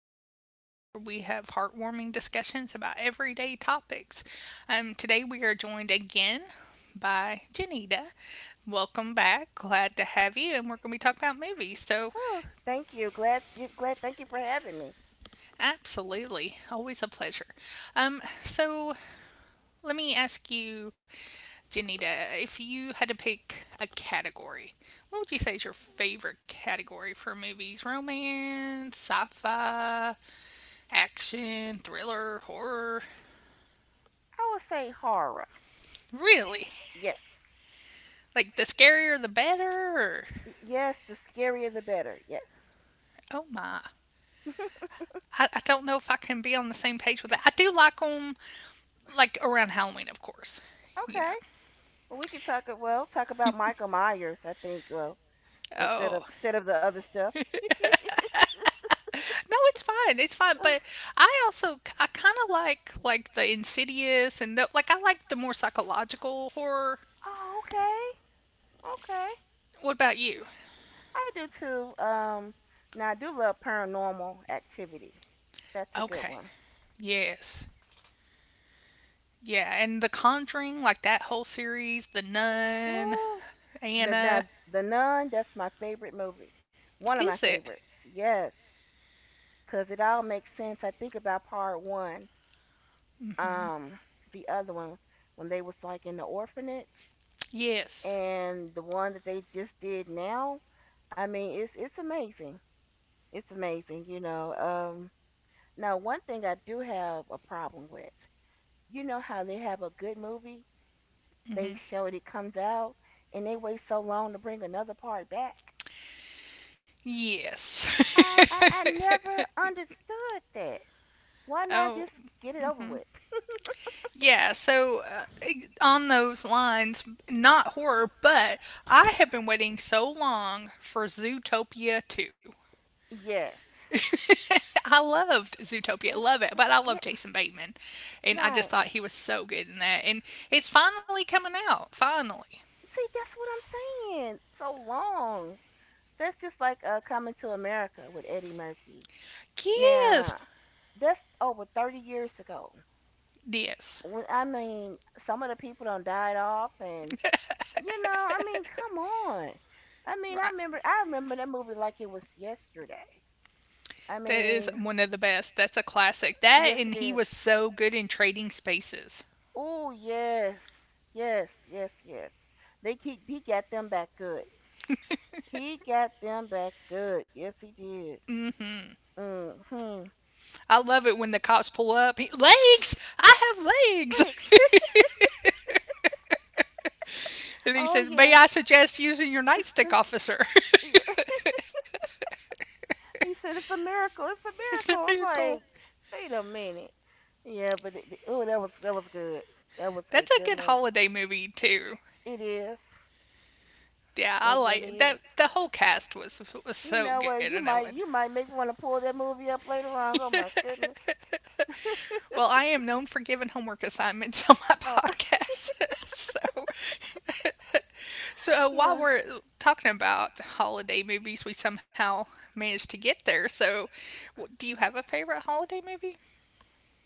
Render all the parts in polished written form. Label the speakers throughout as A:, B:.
A: Gen Talk where we have heartwarming discussions about everyday topics. Today we are joined again by Janita. Welcome back. Glad to have you, and we're going to be talking about movies. So,
B: Oh, thank you. Glad you glad thank you for having me.
A: absolutely, always a pleasure. So let me ask you, Janita, if you had to pick a category, what would you say is your favorite category for movies? Romance, sci-fi, action, thriller, horror.
B: I would say horror.
A: Really?
B: Yes.
A: Like the scarier the better? Or,
B: Yes, the scarier the better. Yes.
A: oh my. I don't know if I can be on the same page with that. I do like them, like around Halloween, of course. You
B: Okay.
A: know.
B: Well, talk about Michael Myers, I think, well, instead of
A: Oh
B: instead of the other stuff.
A: no, it's fine. It's fine.
B: Uh,
A: But I kind of like the Insidious and like I like the more psychological horror.
B: oh, okay. Okay.
A: What about you?
B: I do too. Now I do love paranormal activity. That's a good
A: Okay.
B: one.
A: Yes. Yeah, and The Conjuring, like that whole series, The Nun,
B: Ooh, The
A: Anna.
B: now the Nun, that's my favorite movie. One of
A: Is
B: my
A: it?
B: favorites. Yes. 'Cause it all makes sense. I think about part 1, um the other one when they was like in the orphanage
A: Yes.
B: and the one that they just did now. I mean, it's amazing. It's amazing. Now one thing I do have a problem with. You know how they have a good movie, they show it comes out and they wait so long to bring another part back.
A: Yes.
B: I, I I never understood that. Why not
A: Oh,
B: just get it over with?
A: yeah. So, on those lines, not horror, but I have been waiting so long for Zootopia 2.
B: Yes.
A: I loved
B: Mm,
A: Zootopia,
B: mm,
A: love it, but I
B: yeah,
A: love Jason Bateman. And I
B: right.
A: just thought he was so good in that. And it's finally coming out. Finally.
B: See, that's what I'm saying. So long. That's just like Coming to America with Eddie Murphy.
A: Yes.
B: Now, that's over 30 years ago.
A: Yes.
B: When I mean, some of the people done died off, and I mean, come on. I mean, I
A: Right.
B: remember, I remember that movie like it was yesterday. I
A: That is
B: mean,
A: one of the best. That's a classic. That
B: yes,
A: and
B: it
A: he
B: is.
A: was so good in Trading Spaces.
B: Oh, yes, yes, yes, yes. They keep He got them back good. He got them back good. Yes, he did. Mm-hmm.
A: I love it when the cops pull up. He, legs! I have legs!
B: Thanks.
A: And he
B: Oh
A: says,
B: yeah.
A: "May I suggest using your nightstick, officer?"
B: Yeah. He said it's a miracle. It's a miracle. I'm
A: Very cool.
B: like, wait a minute. Yeah, but oh, that was good. That was a
A: That's a
B: good
A: good
B: movie.
A: holiday movie, too.
B: It is.
A: Yeah, I
B: It
A: like
B: really
A: that.
B: is.
A: The whole cast was
B: You
A: so
B: know
A: good
B: what?
A: in
B: You
A: that one.
B: might you might make me want to pull that movie up later on. Oh my goodness.
A: Well, I am known for giving homework assignments on my
B: Oh
A: podcast. so, so, while
B: yeah,
A: we're talking about holiday movies, we somehow managed to get there. So, do you have a favorite holiday movie?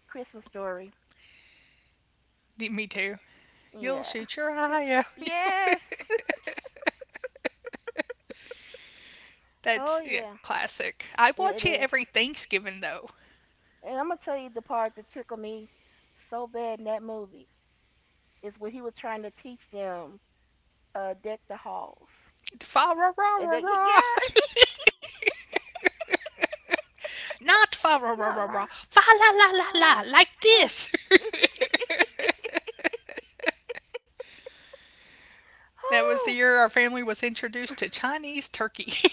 B: Christmas story.
A: Me too.
B: Yeah.
A: You'll shoot your
B: Sure.
A: eye out.
B: Yes. Oh
A: That's,
B: yeah,
A: yeah, classic. I
B: yeah, it
A: watch it
B: is.
A: every Thanksgiving though.
B: And I'm gonna tell you the part that tickled me so bad in that movie is when he was trying to teach them deck the halls.
A: Fa ra ra
B: And
A: ra
B: they,
A: ra.
B: yeah,
A: Not fa ra ra ra
B: not
A: ra.
B: right.
A: Fa la
B: Oh,
A: la la
B: la, la,
A: la.
B: la.
A: Like
B: Yeah.
A: this. That was the
B: Oh.
A: year our family was introduced to Chinese turkey.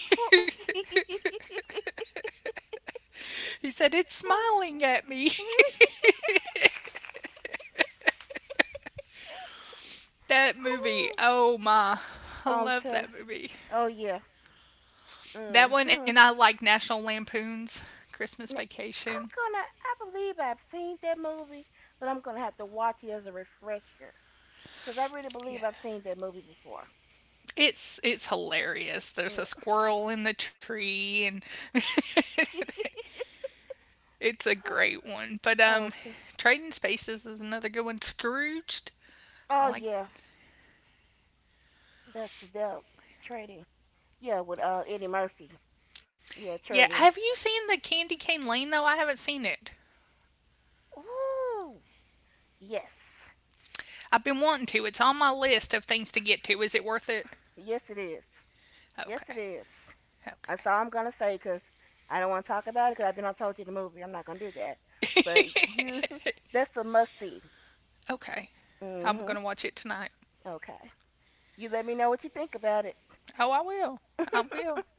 A: He said, "It's smiling at me."
B: Oh.
A: That
B: Ooh.
A: movie. Oh my. I
B: Um,
A: love
B: so,
A: that movie.
B: oh yeah.
A: That one.
B: Mm-hmm.
A: And I like National Lampoon's Christmas
B: N- I'm
A: Vacation.
B: gonna, I believe I've seen that movie, but I'm gonna have to watch it as a refresher. Because I really
A: Yeah.
B: believe I've seen that movie before.
A: It's hilarious. There's a
B: Mm.
A: squirrel in the tree and it's a great one. But
B: Okay.
A: Trading Spaces is another good one. Scrooged.
B: Oh
A: I like
B: yeah, that's the trading. Yeah, with Eddie Murphy. Yeah,
A: yeah,
B: trading.
A: have you seen the Candy Cane Lane though? I haven't seen it.
B: Ooh, yes,
A: I've been wanting to. It's on my list of things to get to. Is it worth it?
B: yes it is. Yes,
A: Okay.
B: it is.
A: Okay.
B: That's all I'm gonna say 'cause I don't want to talk about it 'cause I've been on told you the movie. I'm not gonna do that. But you, that's a must see.
A: Okay. I'm going
B: Mhm.
A: to watch it tonight.
B: Okay. You let me know what you think about it.
A: Oh, I will. I will.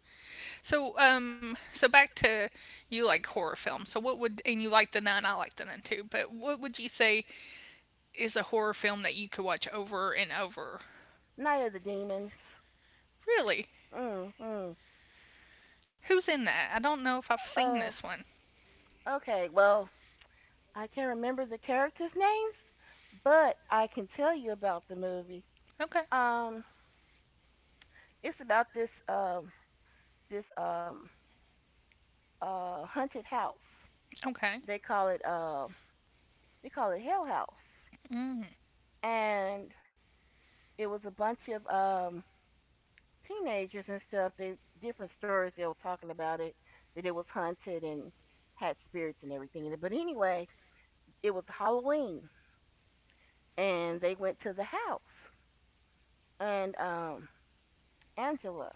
A: So, back to you like horror films. So, what would and you like The Nun? I like The Nun too. But what would you say is a horror film that you could watch over and over?
B: Night of the Demons.
A: Really?
B: Mm. Mm.
A: Who's in that? I don't know if I've seen
B: Uh.
A: this one.
B: Okay. Well, I can't remember the characters' names, but I can tell you about the movie.
A: Okay.
B: Um. It's about this this um haunted house.
A: Okay.
B: They call it uh they call it Hell House,
A: Mm.
B: and it was a bunch of um teenagers and stuff. They different stories they were talking about it that it was haunted and had spirits and everything in it. But anyway, it was Halloween, and they went to the house, and Angela,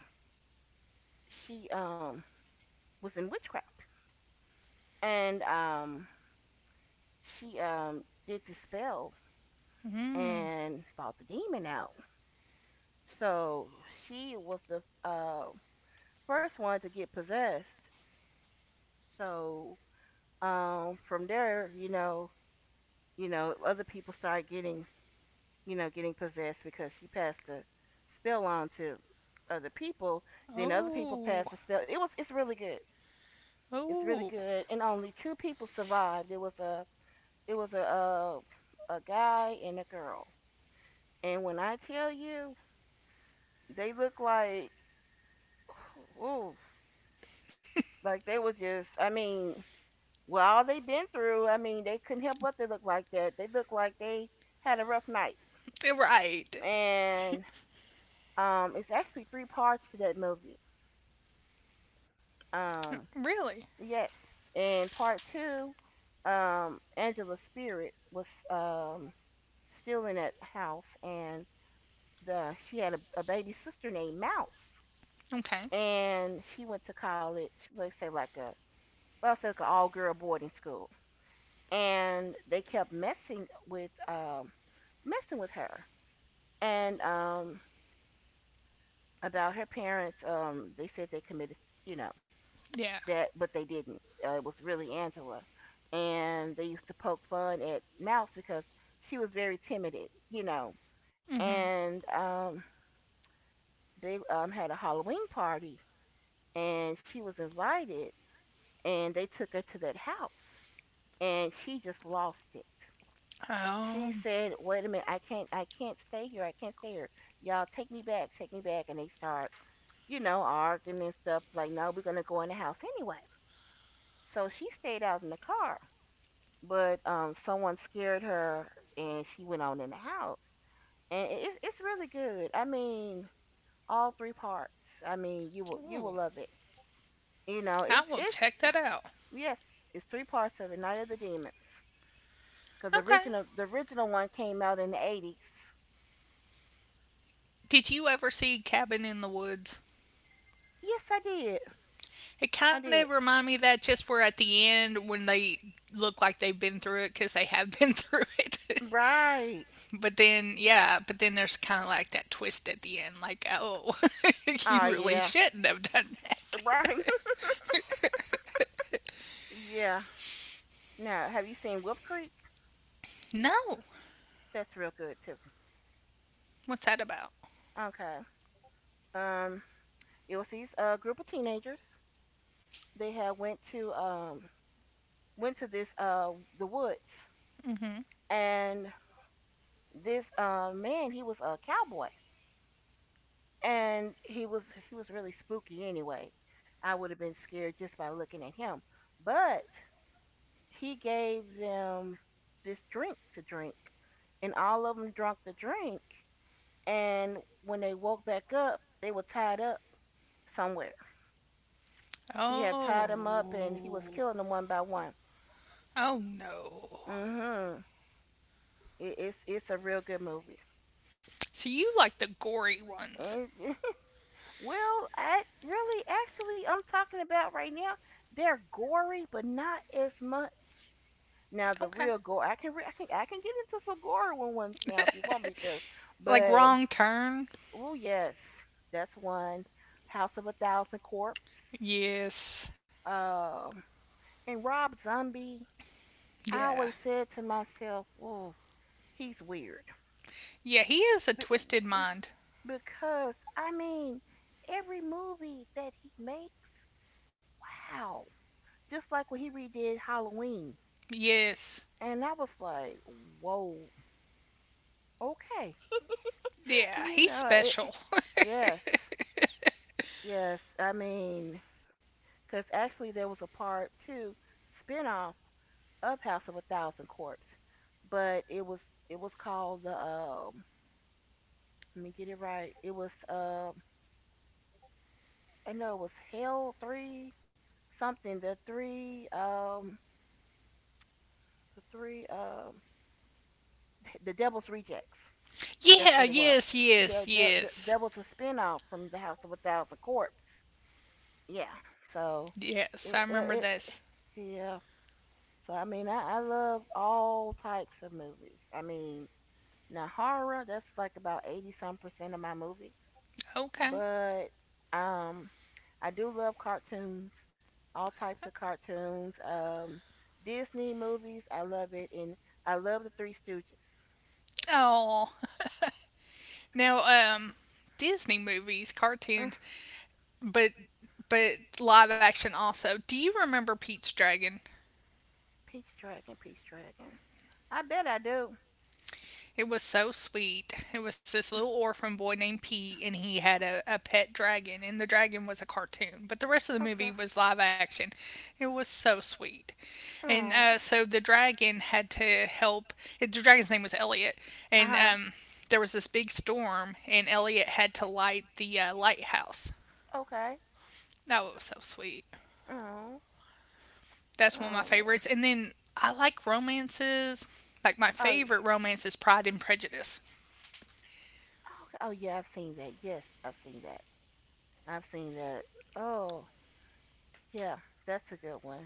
B: she was in witchcraft, and she did the spell
A: Mm.
B: and fought the demon out. So she was the uh, first one to get possessed. So from there, other people started getting you know getting possessed because she passed the spell on to other people, then other people passed
A: Oh.
B: the spell. It's really good, it's really
A: Oh.
B: good, and only two people survived. It was a guy and a girl. And when I tell you, they look like, ooh, like they were just, I mean, well, all they been through, I mean, they couldn't help but they look like that. They look like they had a rough night.
A: Right.
B: And it's actually three parts to that movie. Um,
A: Really?
B: yes, in part 2, Angela's spirit was um still in that house, and the she had a baby sister named Mouse,
A: Okay.
B: and she went to college. Let's say like a, well, say like an all girl boarding school, and they kept messing with her, and about her parents. They said they committed, you know,
A: Yeah.
B: that but they didn't. It was really Angela, and they used to poke fun at Mouse because she was very timid, you know.
A: Mm-hmm.
B: And they had a Halloween party, and she was invited, and they took her to that house, and she just lost it. She
A: Um.
B: said, "Wait a minute, I can't stay here. I can't stay here. Y'all take me back, take me back." And they start, arguing and stuff like, "No, we're gonna go in the house anyway." So she stayed out in the car, but someone scared her and she went on in the house. And it's really good. I mean, all three parts. I mean, you will
A: Ooh.
B: love it. You know,
A: I will
B: it's
A: check that out.
B: yes, it's three parts of it. Night of the Demons, because the
A: Okay.
B: original the original one came out in the 80s.
A: Did you ever see Cabin in the Woods?
B: Yes, I did.
A: It
B: I
A: kind
B: did.
A: of reminded me of that just where at the end when they look like they've been through it because they have been through it.
B: Right.
A: But then, yeah, but then there's kind of like that twist at the end, like, oh, you
B: Oh
A: really
B: yeah.
A: shouldn't have done that.
B: Right. Yeah. Now, have you seen Whoop Creek?
A: No.
B: That's real good too.
A: What's that about?
B: Okay. Um, It was these a group of teenagers. They had went to went to this the woods, and this man he was a cowboy, and he was really spooky anyway. I would have been scared just by looking at him. But he gave them this drink to drink, and all of them drunk the drink, and when they woke back up they were tied up somewhere. He had tied them up and he was
A: Oh.
B: killing them one by one.
A: Oh, no.
B: Mm. Mhm. It's a real good movie.
A: So you like the gory ones.
B: And well, I really actually I'm talking about right now. They're gory, but not as much. Now the
A: Okay.
B: real gore, I can re- I can get into some gore one once now, if you want me to.
A: Like
B: But
A: Wrong Turn?
B: oh yes, that's one. House of a Thousand Corpse.
A: Yes.
B: Um, and Rob Zombie. I
A: Yeah.
B: always said to myself, "Oh, he's weird."
A: Yeah, he is a
B: B-
A: twisted
B: b-
A: mind.
B: because I mean, every movie that he makes, wow. Just like when he redid Halloween,
A: Yes.
B: and I was like, whoa, okay,
A: Yeah,
B: you
A: he's
B: know it.
A: special.
B: Yes, yes. I mean, because actually there was a part two spinoff of House of a Thousand Corpses, but it was called the. Let me get it right. It was. I know it was Hell Three something. The three the Devil's Rejects. That's
A: Yeah,
B: what it was.
A: yes, yes,
B: The
A: yes.
B: that was a spinoff from the House of a Thousand Corpse. Yeah. So
A: Yes, I
B: it
A: remember
B: it,
A: this.
B: it yeah. So I mean I love all types of movies. I mean, now horror, that's like about 80 some percent of my movies.
A: Okay.
B: But um I do love cartoons, all types of cartoons. Disney movies, I love it, and I love the Three Stooges.
A: Oh. Now, um, Disney movies, cartoons, but but live action also. Do you remember Pete's Dragon?
B: Peach Dragon, Peach Dragon. I bet I do.
A: It was so sweet. It was this little orphan boy named Pete, and he had a pet dragon, and the dragon was a cartoon, but the rest of the
B: Okay.
A: movie was live action. It was so sweet. And
B: Oh.
A: so the dragon had to help. The dragon's name was Elliot,
B: Uh
A: and
B: huh.
A: there was this big storm, and Elliot had to light the lighthouse.
B: Okay.
A: Oh, it was so sweet.
B: Oh.
A: That's one of my
B: Oh man.
A: favorites. And then I like romances. Like my
B: Oh. Yeah.
A: favorite romance is Pride and Prejudice.
B: Okay. Oh yeah, I've seen that. Yes, I've seen that. I've seen that. Oh yeah, that's a good one.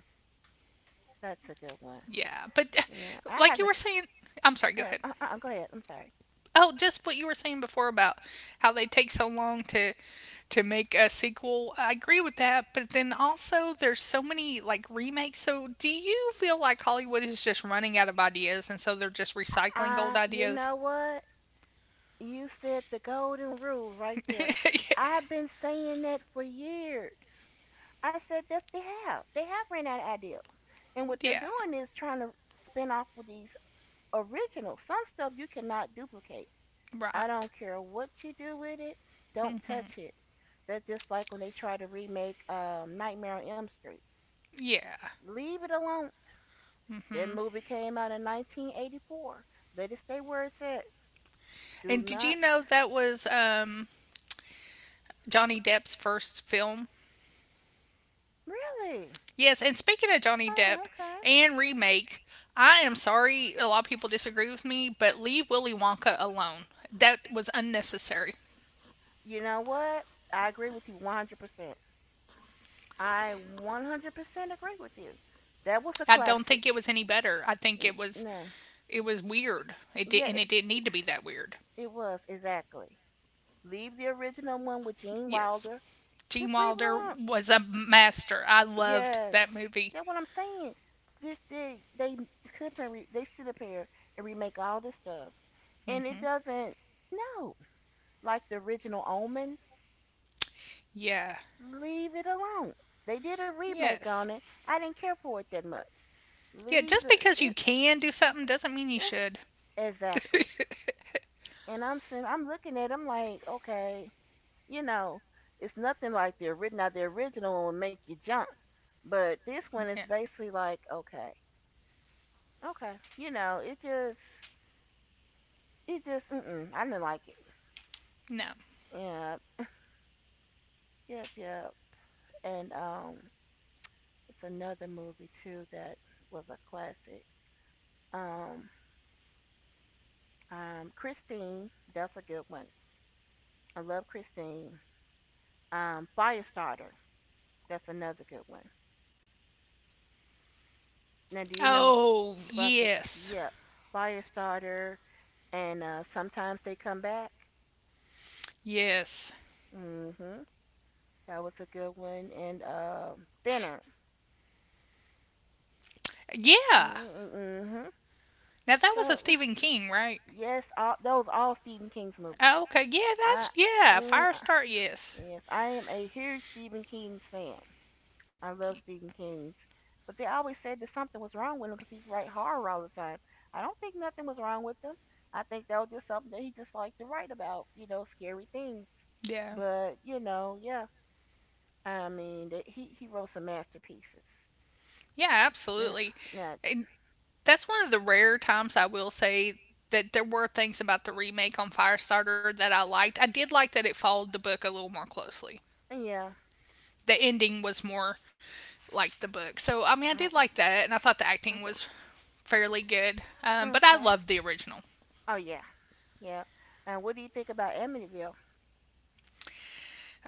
B: That's a good one.
A: Yeah, but
B: Yeah, I
A: like
B: have
A: you
B: to.
A: were saying, I'm sorry.
B: Go
A: Go
B: ahead.
A: ahead.
B: Go ahead. I'm sorry.
A: Oh, just what you were saying before about how they take so long to make a sequel. I agree with that, but then also there's so many like remakes. So do you feel like Hollywood is just running out of ideas and so they're just recycling old
B: You
A: ideas?
B: know what? You said the golden rule right there. I've been saying that for years. I said that they have. They have ran out of ideas. And what
A: Yeah.
B: they're doing is trying to spin off with these originals. Some stuff you cannot duplicate. I
A: Right.
B: don't care what you do with it, don't touch it. That's just like when they try to remake Nightmare on Elm Street.
A: Yeah.
B: Leave it alone. That movie came out in 1984. Let it stay where it's at. Do
A: And did you
B: not.
A: know that was Johnny Depp's first film?
B: Really?
A: Yes, and speaking of Johnny Depp
B: Oh, okay.
A: and remake, I am sorry a lot of people disagree with me, but leave Willy Wonka alone. That was unnecessary.
B: You know what? I agree with you 100%. I 100% agree with you. That was a
A: I don't
B: classic.
A: think it was any better. I think it was
B: No.
A: it was weird. It did
B: Yeah,
A: and it
B: it
A: didn't need to be that weird.
B: it was, exactly. Leave the original one with Gene
A: Yes.
B: Wilder.
A: Gene
B: Just leave
A: Wilder
B: it
A: was a master. I
B: alone.
A: loved
B: Yes,
A: that movie.
B: that's what I'm saying. This they sit up and re, they sit up here and remake all this stuff, and it doesn't. No, like the original Omen.
A: Yeah.
B: Leave it alone. They did a remake
A: Yes.
B: on it. I didn't care for it that much.
A: Yeah,
B: Leave
A: just
B: the
A: because you
B: eh,
A: can do something doesn't mean you
B: eh,
A: should.
B: exactly. And I'm sitting, I'm looking at it, I'm like, okay, you know, it's nothing like the original. Now the original one will make you jump, but this one is
A: Yeah.
B: basically like, okay, okay, it just, mm-mm, I didn't like it.
A: No.
B: Yeah, yep, yep. And it's another movie too that was a classic. Um, Christine, that's a good one. I love Christine. Firestarter, that's another good one. Now, do you remember?
A: Oh,
B: Oh, about the,
A: yes.
B: yeah, Firestarter and sometimes they come back?
A: Yes.
B: Mm-hmm. That was a good one. And Thinner. Yeah.
A: Yeah.
B: Mm-hmm.
A: Now that was
B: So
A: a Stephen King, right?
B: yes, all, those all Stephen King's movies.
A: Oh, okay. Yeah,
B: I
A: that's yeah.
B: uh, I-
A: Firestarter. Yes.
B: yes, I am a huge Stephen King's fan. I love Stephen King's. But they always said that something was wrong with him because he write horror all the time. I don't think nothing was wrong with him. I think that was just something that he just liked to write about, you know, scary things.
A: Yeah.
B: But you know, yeah, I mean, that he wrote some masterpieces.
A: Yeah.
B: Not,
A: Absolutely.
B: not
A: And that's one of the rare times I will say that there were things about the remake on Firestarter that I liked. I did like that it followed the book a little more closely.
B: yeah.
A: The ending was more like the book. So I mean, I
B: All
A: did
B: right.
A: like that, and I thought the acting
B: Okay,
A: was fairly good. But I
B: okay.
A: loved the original.
B: Oh yeah, yeah. And what do you think about Amityville?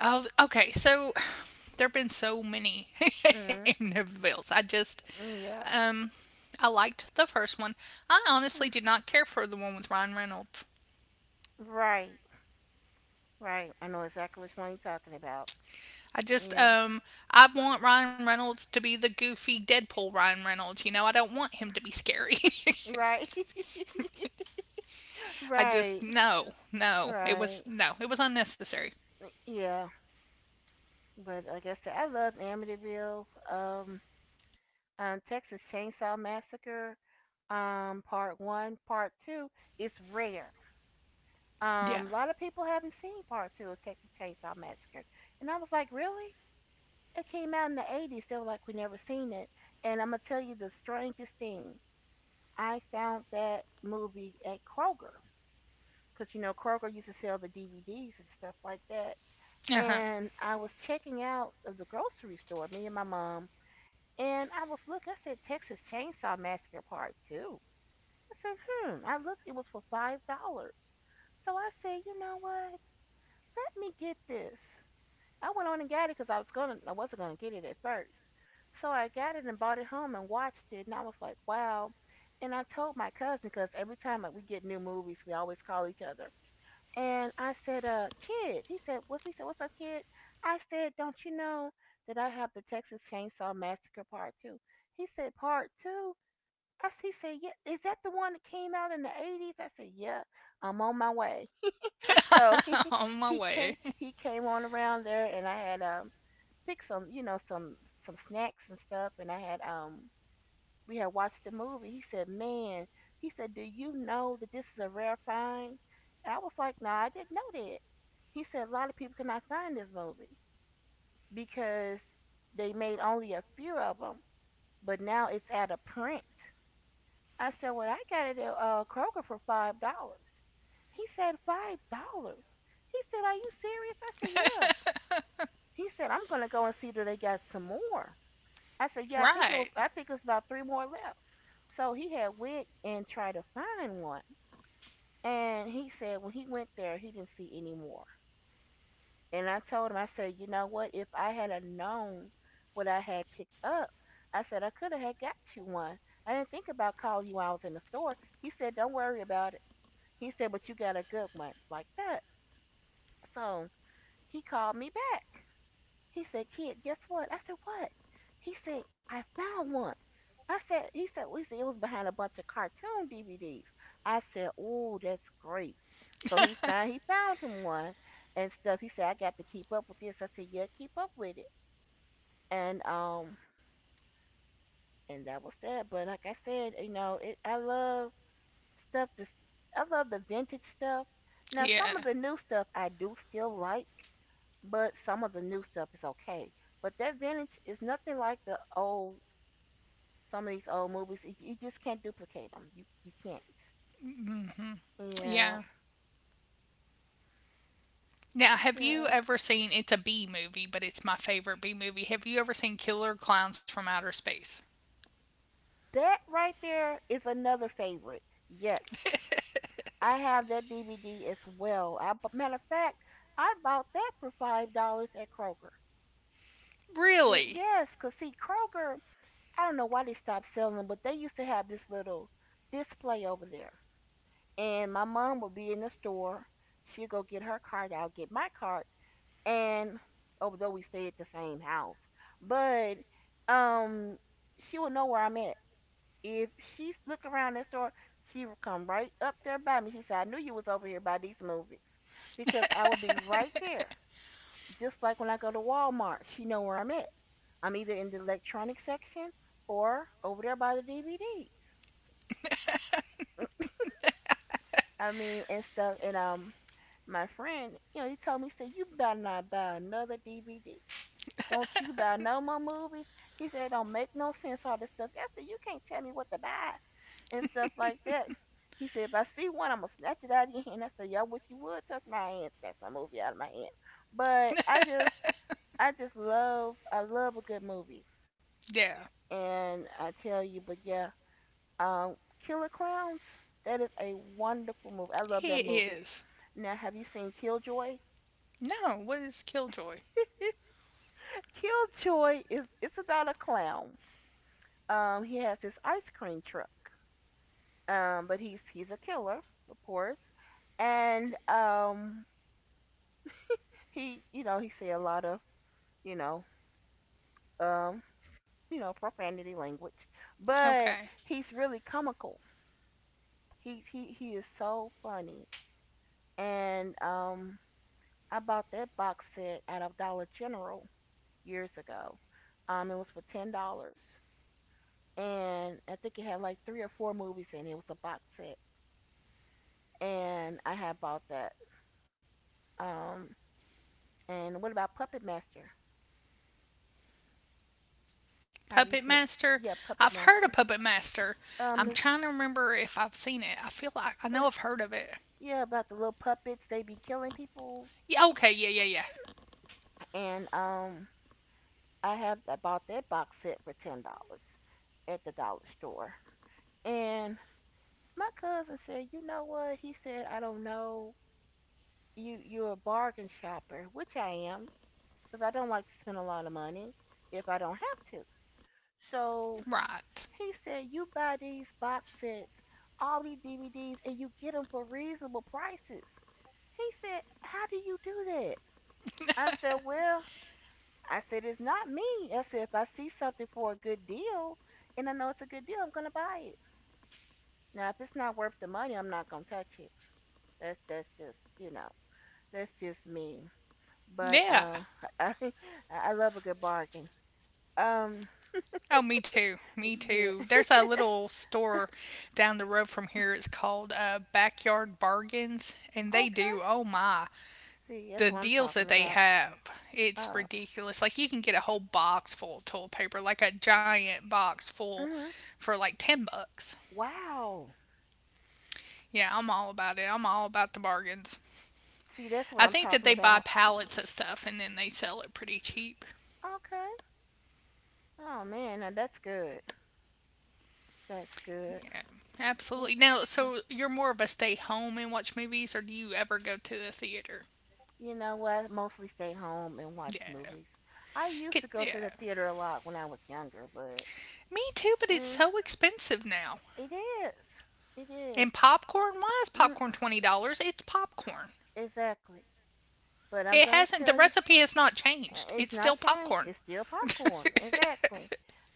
A: Oh, okay. So there have been so many
B: Mm,
A: Amityville's.
B: mm, yeah.
A: Um, I liked the first one. I honestly did not care for the one with Ryan Reynolds.
B: Right, right. I know exactly which one you're talking about.
A: I just,
B: Yeah.
A: um, I want Ryan Reynolds to be the goofy Deadpool Ryan Reynolds. You know, I don't want him to be scary.
B: Right,
A: I just,
B: right,
A: no, no. It was,
B: right.
A: no, it was unnecessary.
B: Yeah, but like I said, I love Amityville. Um, Texas Chainsaw Massacre, part one, part two. It's rare.
A: Yeah.
B: A lot of people haven't seen part two of Texas Chainsaw Massacre, and I was like, really? It came out in the '80s. They were like, we never seen it. And I'm gonna tell you the strangest thing. I found that movie at Kroger because you know Kroger used to sell the DVDs and stuff like that.
A: Uh
B: And I was checking out of the grocery store, me and my mom, and I was looking. I said Texas Chainsaw Massacre Part Two. I said, hmm. I looked. It was for $5. So I said, you know what? Let me get this. I went on and got it because I wasn't gonna get it at first. So I got it and brought it home and watched it, and I was like, wow. And I told my cousin because every time like, we get new movies, we always call each other. And I said, Kid." He said, "What's?" He said, "What's up, kid?" I said, "Don't you know that I have the Texas Chainsaw Massacre Part 2? He said, "Part 2? He said, "Yeah, is that the one that came out in the '80s?" I said, "Yeah, I'm on my way." So he
A: huh. On my
B: he came
A: way.
B: he came on around there, and I had pick some, you know, some snacks and stuff, and I had we had watched the movie. He said, "Man," he said, "Do you know that this is a rare find?" And I was like, "No, nah, I didn't know that." He said, "A lot of people cannot find this movie because they made only a few of them, but now it's out of print." I said, "Well, I got it at Kroger for $5." He said, $5. He said, are you serious? I said, yeah. He said, I'm gonna go and see do they got some more. I said, yeah, I think it
A: Right.
B: was. I think it's about three more left. So he had went and tried to find one, and he said when he went there, he didn't see any more. And I told him, I said, you know what? If I had a known what I had picked up, I said I could have had got you one. I didn't think about calling you while I was in the store. He said, don't worry about it. He said, but you got a good one like that. So he called me back. He said, kid, guess what? I said, what? He said, I found one. I said, he said, we see it was behind a bunch of cartoon DVDs. I said, oh, that's great. So he found him one and stuff. He said, I got to keep up with this. I said, yeah, keep up with it. And um, and that was that. But like I said, you know, it I love stuff. This I love the vintage stuff. Now some of
A: Yeah.
B: the new stuff I do still like, but some of the new stuff is okay. But that vintage is nothing like the old. Some of these old movies, you just can't duplicate them. You can't. Yeah.
A: Yeah. Now, have you
B: Yeah.
A: ever seen it's a B movie, but it's my favorite B movie. Have you ever seen Killer Clowns from Outer Space?
B: That right there is another favorite. Yes. I have that DVD as well. I, but matter of fact, I bought that for $5 at Kroger. Good,
A: Really?
B: yes, cause see Kroger, I don't know why they stopped selling them, but they used to have this little display over there, and my mom would be in the store. She'd go get her card. I'll get my card, and although we stay at the same house, but um, she would know where I'm at. If she look around that store, she would come right up there by me. She said, "I knew you was over here by these movies," because I would be right there. Just like when I go to Walmart, she know where I'm at. I'm either in the electronic section or over there by the DVDs. I mean, and stuff. And my friend, you know, he told me, he said, "You better not buy another DVD." Don't you buy no more movies. He said, it don't make no sense, all this stuff. I said, you can't tell me what to buy and stuff like that. He said, if I see one, I'm going to snatch it out of your hand. I said, yeah, I wish you would touch my hand, snatch my movie out of my hand. But I love a good movie.
A: Yeah.
B: And I tell you, but yeah, um, Killer Clowns, that is a wonderful movie. I love that
A: It
B: movie.
A: is.
B: Now, have you seen Killjoy?
A: No, what is Killjoy?
B: Killjoy is, it's about a clown. He has this ice cream truck. But he's a killer, of course, and he you know he say a lot of, you know, um you know, profanity language, but
A: Okay.
B: he's really comical. He is so funny, and I bought that box set out of Dollar General years ago. It was for $10, and I think it had like three or four movies in it. It was a box set, and I had bought that. Um, and what about Puppet Master? Have you
A: Puppet
B: seen?
A: Master.
B: Yeah, Puppet
A: I've heard of
B: Master.
A: Puppet Master.
B: Um,
A: I'm
B: it's,
A: trying to remember if I've seen it. I feel like I
B: uh,
A: know I've heard of it.
B: yeah, about the little puppets. They be killing people,
A: Yeah, okay, yeah, yeah, yeah.
B: and I bought that box set for $10 at the dollar store. And my cousin said, "You know what?" He said, "I don't know. You're a bargain shopper, which I am, because I don't like to spend a lot of money if I don't have to." So
A: Right.
B: he said, "You buy these box sets, all these DVDs, and you get them for reasonable prices." He said, how do you do that? I said, well, I said, it's not me. I said, if I see something for a good deal and I know it's a good deal, I'm going to buy it. Now, if it's not worth the money, I'm not going to touch it. That's just, you know, that's just me. But
A: Yeah.
B: I, I love a good bargain. Um,
A: Oh, me too. Me
B: yeah.
A: too. There's a little store down the road from here. It's called Backyard Bargains, and they
B: Okay.
A: do, oh my,
B: See, that's
A: the
B: what I'm
A: deals
B: talking
A: that they
B: about.
A: have. It's
B: Oh,
A: ridiculous. Like, you can get a whole box full of toilet paper, like a giant box full
B: hmm,
A: for like 10 bucks.
B: wow.
A: Yeah, I'm all about it. I'm all about the bargains.
B: See, that's what
A: I
B: I'm
A: think that
B: talking
A: they buy
B: about.
A: pallets of stuff and then they sell it pretty cheap.
B: Okay. Oh man, now that's good. That's good.
A: Yeah,
B: Y-
A: absolutely. Now, so you're more of a stay home and watch movies, or do you ever go to the theater?
B: You know what? Mostly stay home and watch
A: Yeah.
B: movies. I used
A: Get,
B: to go to
A: yeah.
B: the theater a lot when I was younger, but
A: Me too, but it's
B: eh,
A: so expensive now.
B: it is. It is.
A: And popcorn, why is
B: Mm,
A: popcorn $20? It's popcorn.
B: exactly. But I'm
A: It
B: gonna
A: hasn't, the
B: tell you,
A: recipe has not changed.
B: it's
A: It's
B: not
A: still
B: changed.
A: popcorn.
B: It's still popcorn. Exactly.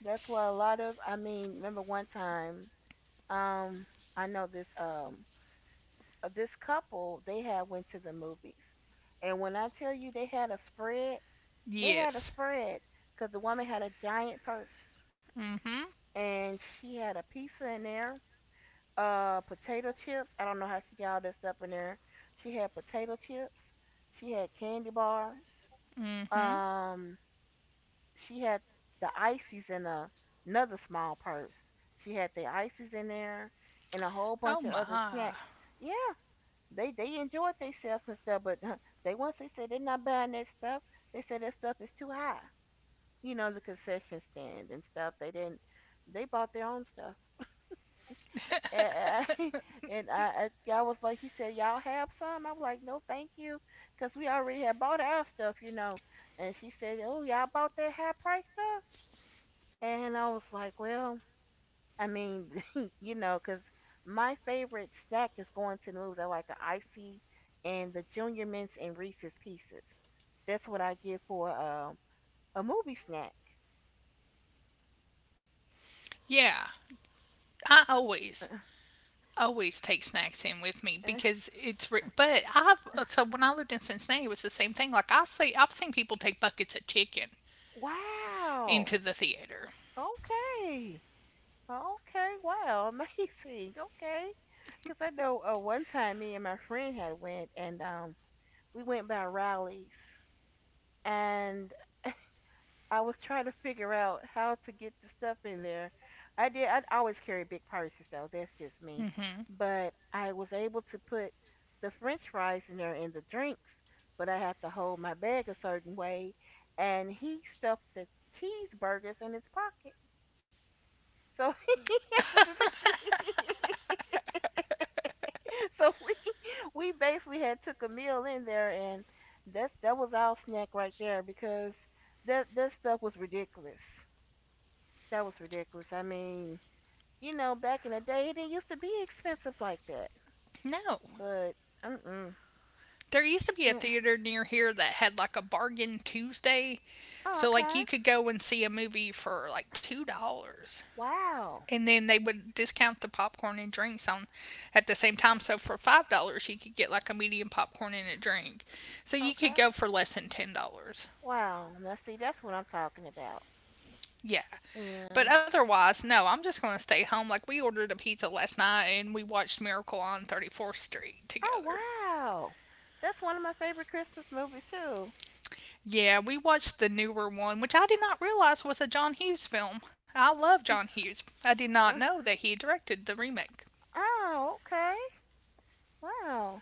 B: That's why a lot of I mean, remember one time, um, I know this this couple they had went to the movies, and when I tell you they had a spread. They had a
A: Yes.
B: spread because the woman had a giant purse and she had a pizza in there, potato chips. I don't know how she got all this stuff in there. She had potato chips. She had candy bars.
A: Mm-hmm.
B: Um, she had the ices in a, another small purse. She had the ices in there and a whole bunch of
A: Oh
B: other snacks.
A: my.
B: Yeah, they enjoyed themselves and stuff, but huh, they once they said they're not buying that stuff. They said that stuff is too high. You know, the concession stand and stuff. They didn't. They bought their own stuff. And I, I was like, he said, y'all have some? I was like, no, thank you, cause we already had bought our stuff, you know. And she said, oh, y'all bought that high price stuff? And I was like, well, I mean, you know, cause my favorite snack is going to the movies. I like an icy and the Junior Mints and Reese's Pieces. That's what I get for a movie snack.
A: Yeah. I always, always take snacks in with me
B: Uh,
A: because it's, re- but I've, so when I lived in Cincinnati, it was the same thing. Like I've seen people take buckets of chicken
B: wow.
A: into the theater.
B: Okay. Okay. Wow. Amazing. Okay. Because I know one time me and my friend had went and we went by Rowley's and I was trying to figure out how to get the stuff in there. I did. I always carry big purses though. That's just me.
A: Mm-hmm.
B: But I was able to put the French fries in there and the drinks. But I had to hold my bag a certain way, and he stuffed the cheeseburgers in his pocket. So so we basically had took a meal in there, and that was our snack right there because that stuff was ridiculous. That was ridiculous. I mean, back in the day it didn't used to be expensive like that.
A: No.
B: But mm mm.
A: There used to be a theater near here that had like a bargain Tuesday.
B: Oh,
A: So like
B: okay.
A: you could go and see a movie for like $2.
B: Wow.
A: And then they would discount the popcorn and drinks on at the same time. So for $5 you could get like a medium popcorn and a drink. So you could
B: Okay.
A: go for less than $10.
B: Wow. Now see that's what I'm talking about.
A: Yeah. But
B: Yeah.
A: otherwise, no, I'm just gonna stay home. Like we ordered a pizza last night and we watched Miracle on 34th Street
B: Oh
A: together.
B: wow, that's one of my favorite Christmas movies too.
A: Yeah, we watched the newer one, which I did not realize was a John Hughes film. I love John Hughes. I did not
B: Uh,
A: know that he directed the remake.
B: oh okay, wow,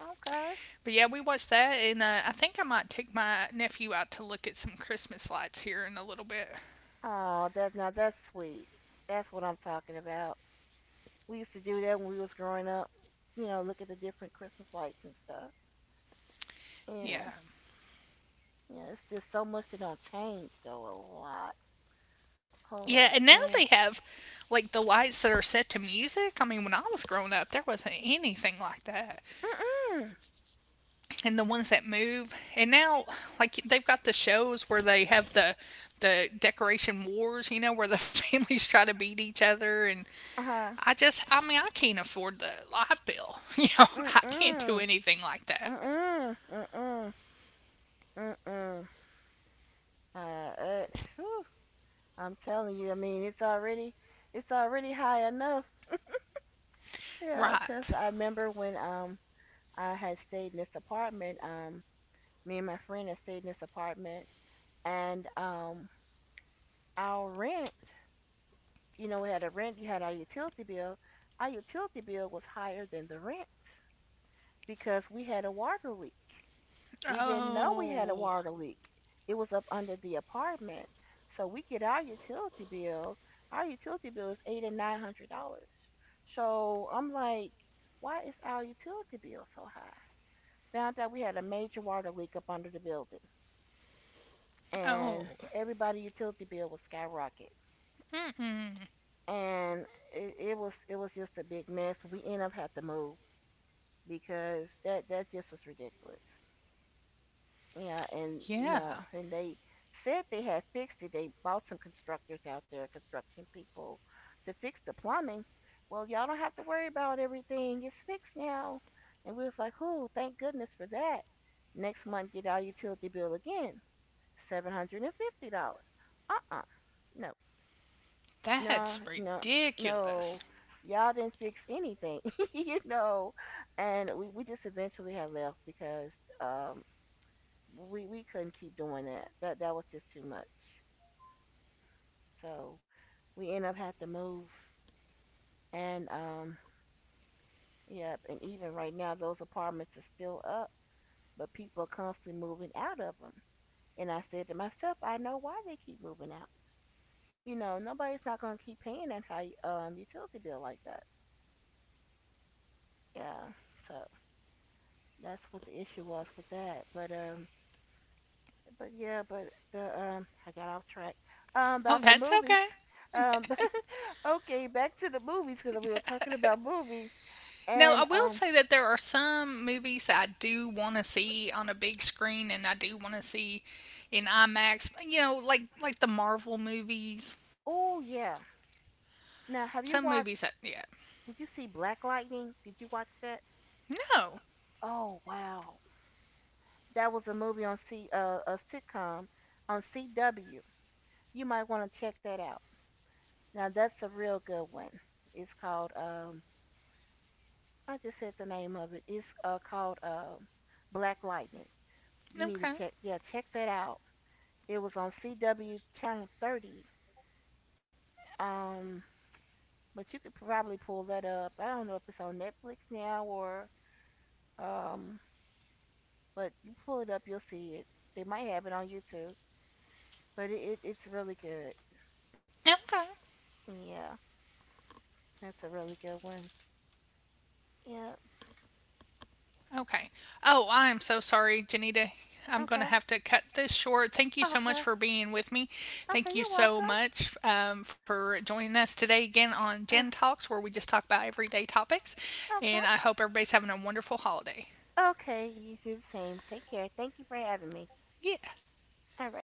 B: okay.
A: But yeah, we watched that, and I think I might take my nephew out to look at some Christmas lights here in a little bit.
B: Oh, that's now that's sweet. That's what I'm talking about. We used to do that when we was growing up. You know, look at the different Christmas lights and stuff. Yeah,
A: Yeah.
B: yeah. It's just so much that don't change though. A lot, whole
A: Yeah,
B: lot of
A: and now
B: change.
A: they have like the lights that are set to music. I mean, when I was growing up, there wasn't anything like that.
B: Mm mm.
A: And the ones that move, and now like they've got the shows where they have the decoration wars, you know, where the families try to beat each other, and
B: Uh huh.
A: I mean, I can't afford the light bill. You know,
B: Mm
A: I can't do
B: mm.
A: anything like that.
B: Mm mm. Mm mm. Mm mm. Uh. eh, whew. I'm telling you, I mean, it's already high enough. Yeah,
A: Right.
B: 'cause I remember when I had stayed in this apartment, me and my friend had stayed in this apartment and our rent, you know, we had a rent, you had our utility bill. Our utility bill was higher than the rent because we had a water leak. We didn't know we had a
A: Oh.
B: water leak. It was up under the apartment. So we get our utility bill. Our utility bill is eight and nine hundred dollars. So I'm like, why is our utility bill so high? Found out we had a major water leak up under the building, and
A: Oh
B: everybody utility bill was skyrocket. And it was just a big mess. We end up had to move because that just was ridiculous. Yeah, and you know,
A: yeah,
B: and they said they had fixed it. They bought some constructors out there, construction people, to fix the plumbing. Well, y'all don't have to worry about everything. It's fixed now. And we was like, "Ooh, thank goodness for that." Next month, get our utility bill again, $750. Uh-uh, no,
A: that's
B: no, no,
A: ridiculous.
B: no. Y'all didn't fix anything, you know. And we just eventually had left because um we couldn't keep doing that. That was just too much. So we end up had to move. And yep. And even right now, those apartments are still up, but people are constantly moving out of them. And I said to myself, I know why they keep moving out. You know, nobody's not gonna keep paying that high utility bill like that. Yeah. So that's what the issue was with that. But yeah, but the I got off track.
A: Oh,
B: About the
A: that's
B: movies.
A: okay.
B: Um, Okay, back to the movies because we were talking about movies.
A: Now, I
B: And
A: will say that there are some movies that I do want to see on a big screen and I do want to see in IMAX, you know, like the Marvel movies.
B: oh yeah. Now, have
A: Some
B: you watched?
A: movies that, yeah.
B: Did you see Black Lightning? Did you watch that?
A: No.
B: Oh wow, that was a movie on C a sitcom on CW. You might want to check that out. Now that's a real good one. It's called I just said the name of it. It's called Black Lightning. You need to
A: Okay.
B: check that out. It was on CW channel 30. Um, but you could probably pull that up. I don't know if it's on Netflix now or um, but you pull it up, you'll see it. They might have it on YouTube, but it's really good.
A: Okay.
B: Yeah, that's a really good one. Yeah.
A: Okay. Oh, I am so sorry, Janita. I'm going to
B: Okay.
A: have to cut this short. Thank you so much
B: Okay.
A: for being with me.
B: Okay.
A: Thank you
B: You're
A: so
B: welcome.
A: much for joining us today again on Jen
B: Uh,
A: Talks, where we just talk about everyday topics.
B: okay.
A: And I hope everybody's having a wonderful holiday.
B: Okay. You do the same. Take care. Thank you for having me.
A: Yeah.
B: All right.